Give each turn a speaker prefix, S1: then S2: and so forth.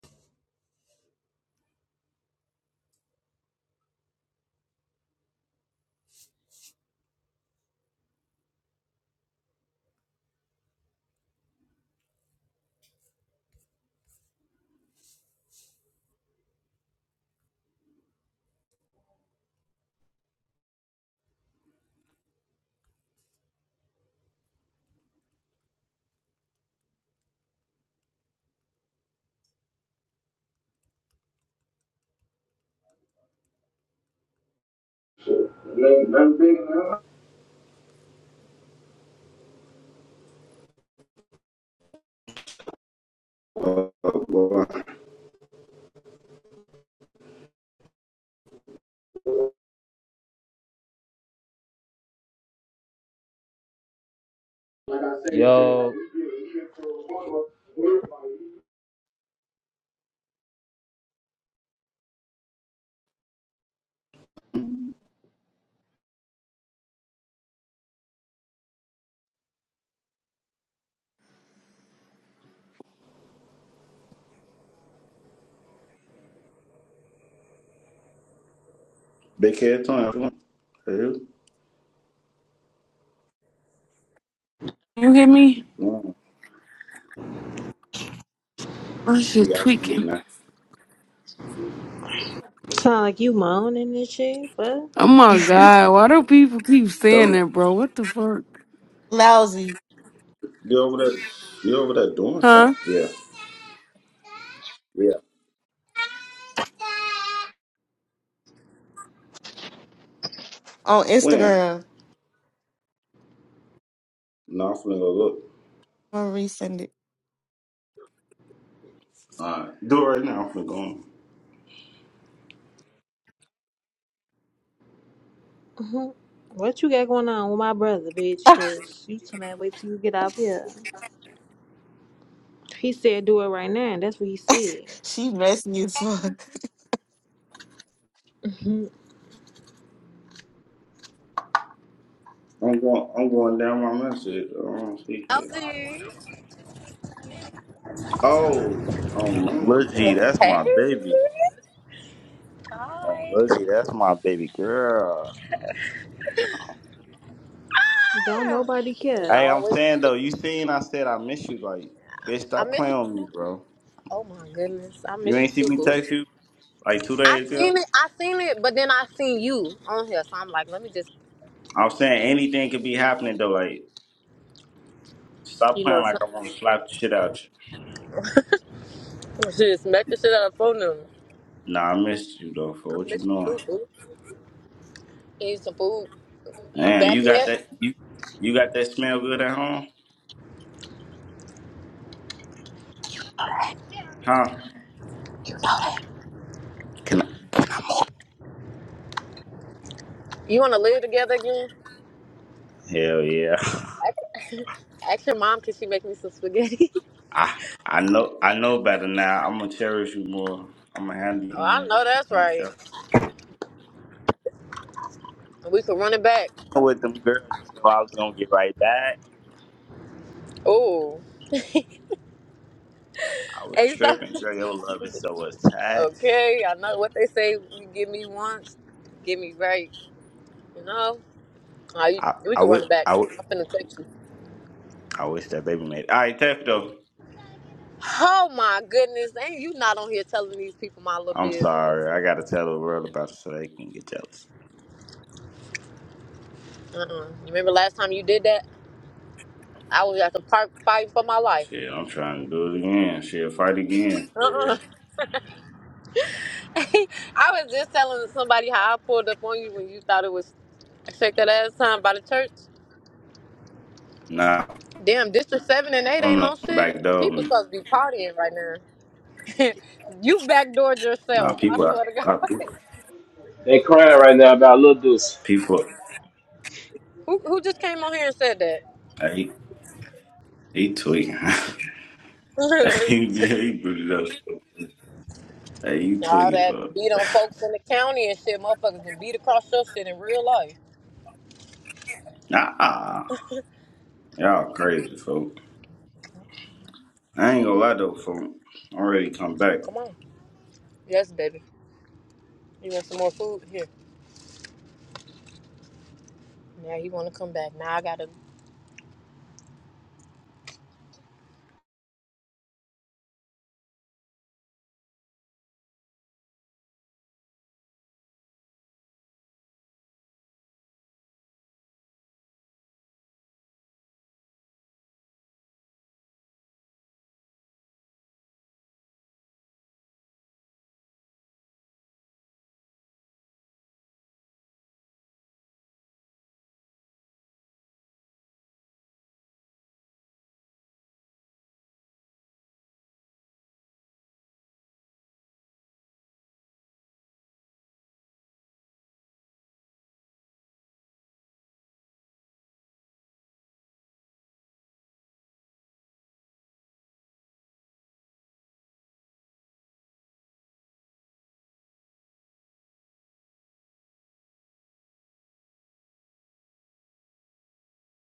S1: Yo,
S2: Big head Tony. if you
S3: You hear me?
S2: mm,
S3: I shit
S2: Yeah, I can eat
S3: tweaking.
S2: now.
S4: Sound like you moaning and shit. What?
S3: Oh my god, why do people keep saying
S2: Tony,
S3: that, bro? What the fuck?
S5: Lousy
S2: you over there? You over there doing
S3: Huh?
S2: something? Yeah, yeah.
S5: on
S2: When?
S5: Instagram.
S2: No, I'm finna go look.
S5: I'm gonna resend it.
S2: Alright, do it right now. I'm finna go. On.
S4: Mhm. What you got going on with my brother, bitch? Cause you tell me wait till you get up here. He said do it right now, and that's what he said.
S5: she messy as
S6: Amber.
S5: fuck.
S4: Mhm.
S2: I'm going. I'm going down my message. I don't see it.
S7: Howdy.
S2: Oh, um, Lil G, that's
S7: Hey.
S2: my baby. Um,
S7: Hi.
S2: Lil G, that's my baby girl.
S4: Don't
S7: Ah,
S4: nobody
S7: It's
S4: care.
S2: Hey, I'm
S7: always.
S2: saying though, you seen? I said I miss you. Like, bitch,
S7: I
S2: stop
S7: miss you
S2: playing with me,
S7: too.
S2: bro.
S7: Oh my goodness, I
S2: You
S7: miss you
S2: ain't see
S7: too,
S2: me
S7: boo.
S2: text you like two
S7: I
S2: days ago.
S7: seen it, I seen it, but then I seen you on here, so I'm like, let me just,
S2: I'm saying anything could be happening though. Like, stop
S7: you
S2: playing
S7: know,
S2: like
S7: some-
S2: I'm gonna slap the shit out you.
S7: just smack the shit out of the phone number.
S2: Nah, I missed you though
S7: I
S2: for what you
S7: miss you too,
S2: doing.
S7: boo. Eat some food. You
S2: Damn,
S7: back
S2: you got
S7: yet?
S2: that you you got that smell good at home? Huh? Can I?
S7: You want to live together again?
S2: Hell yeah.
S7: Ask, ask your mom, can she make me some spaghetti?
S2: I I know I know better now. I'm gonna cherish you more. I'm gonna handle
S7: Oh, I
S2: you
S7: know that's
S2: more
S7: right.
S2: careful.
S7: We could run it back.
S2: With them girls, you know I was gonna get right back.
S7: Oh,
S2: I was
S7: hey, stop.
S2: tripping, girl. Your love is so attached.
S7: Okay, I know what they say. You give me once, give me right. You know, Ah, you-
S2: I
S7: we
S2: I
S7: can run
S2: would
S7: it back.
S2: I would
S7: I'm finna text you.
S2: I wish that baby made. it. All right, tough though.
S7: Oh my goodness, ain't you not on here telling these people my little
S2: I'm
S7: business?
S2: sorry. I gotta tell the world about it so they can get jealous.
S7: Uh-uh. You remember last time you did that? I was at the park fighting for my life.
S2: Shit, I'm trying to do it again. Shit, fight again. Shit.
S7: Uh-uh. I was just telling somebody how I pulled up on you when you thought it was shake that ass time by the church.
S2: Nah,
S7: Damn, District 7 and 8
S2: I'm
S7: ain't no
S2: not back
S7: shit.
S2: door
S7: People
S2: me.
S7: supposed to be partying right now. you backdoored
S2: Nah,
S7: yourself. I
S2: people, I,
S7: swear to God.
S2: I,
S1: they crying right now about Lil Deuce.
S2: people,
S7: Who, who just came on here and said that?
S2: hey, he he tweaking. he, he booted up. Hey, you
S7: All
S2: tweaking, fuck.
S7: that beat on folks in the county and shit, motherfuckers, and beat across your shit in real life.
S2: Nah, y'all crazy, folk. I ain't gonna lie though, folk. I already come back.
S7: Come on. Yes, baby. You want some more food? Here. Now you want to come back. Now I gotta.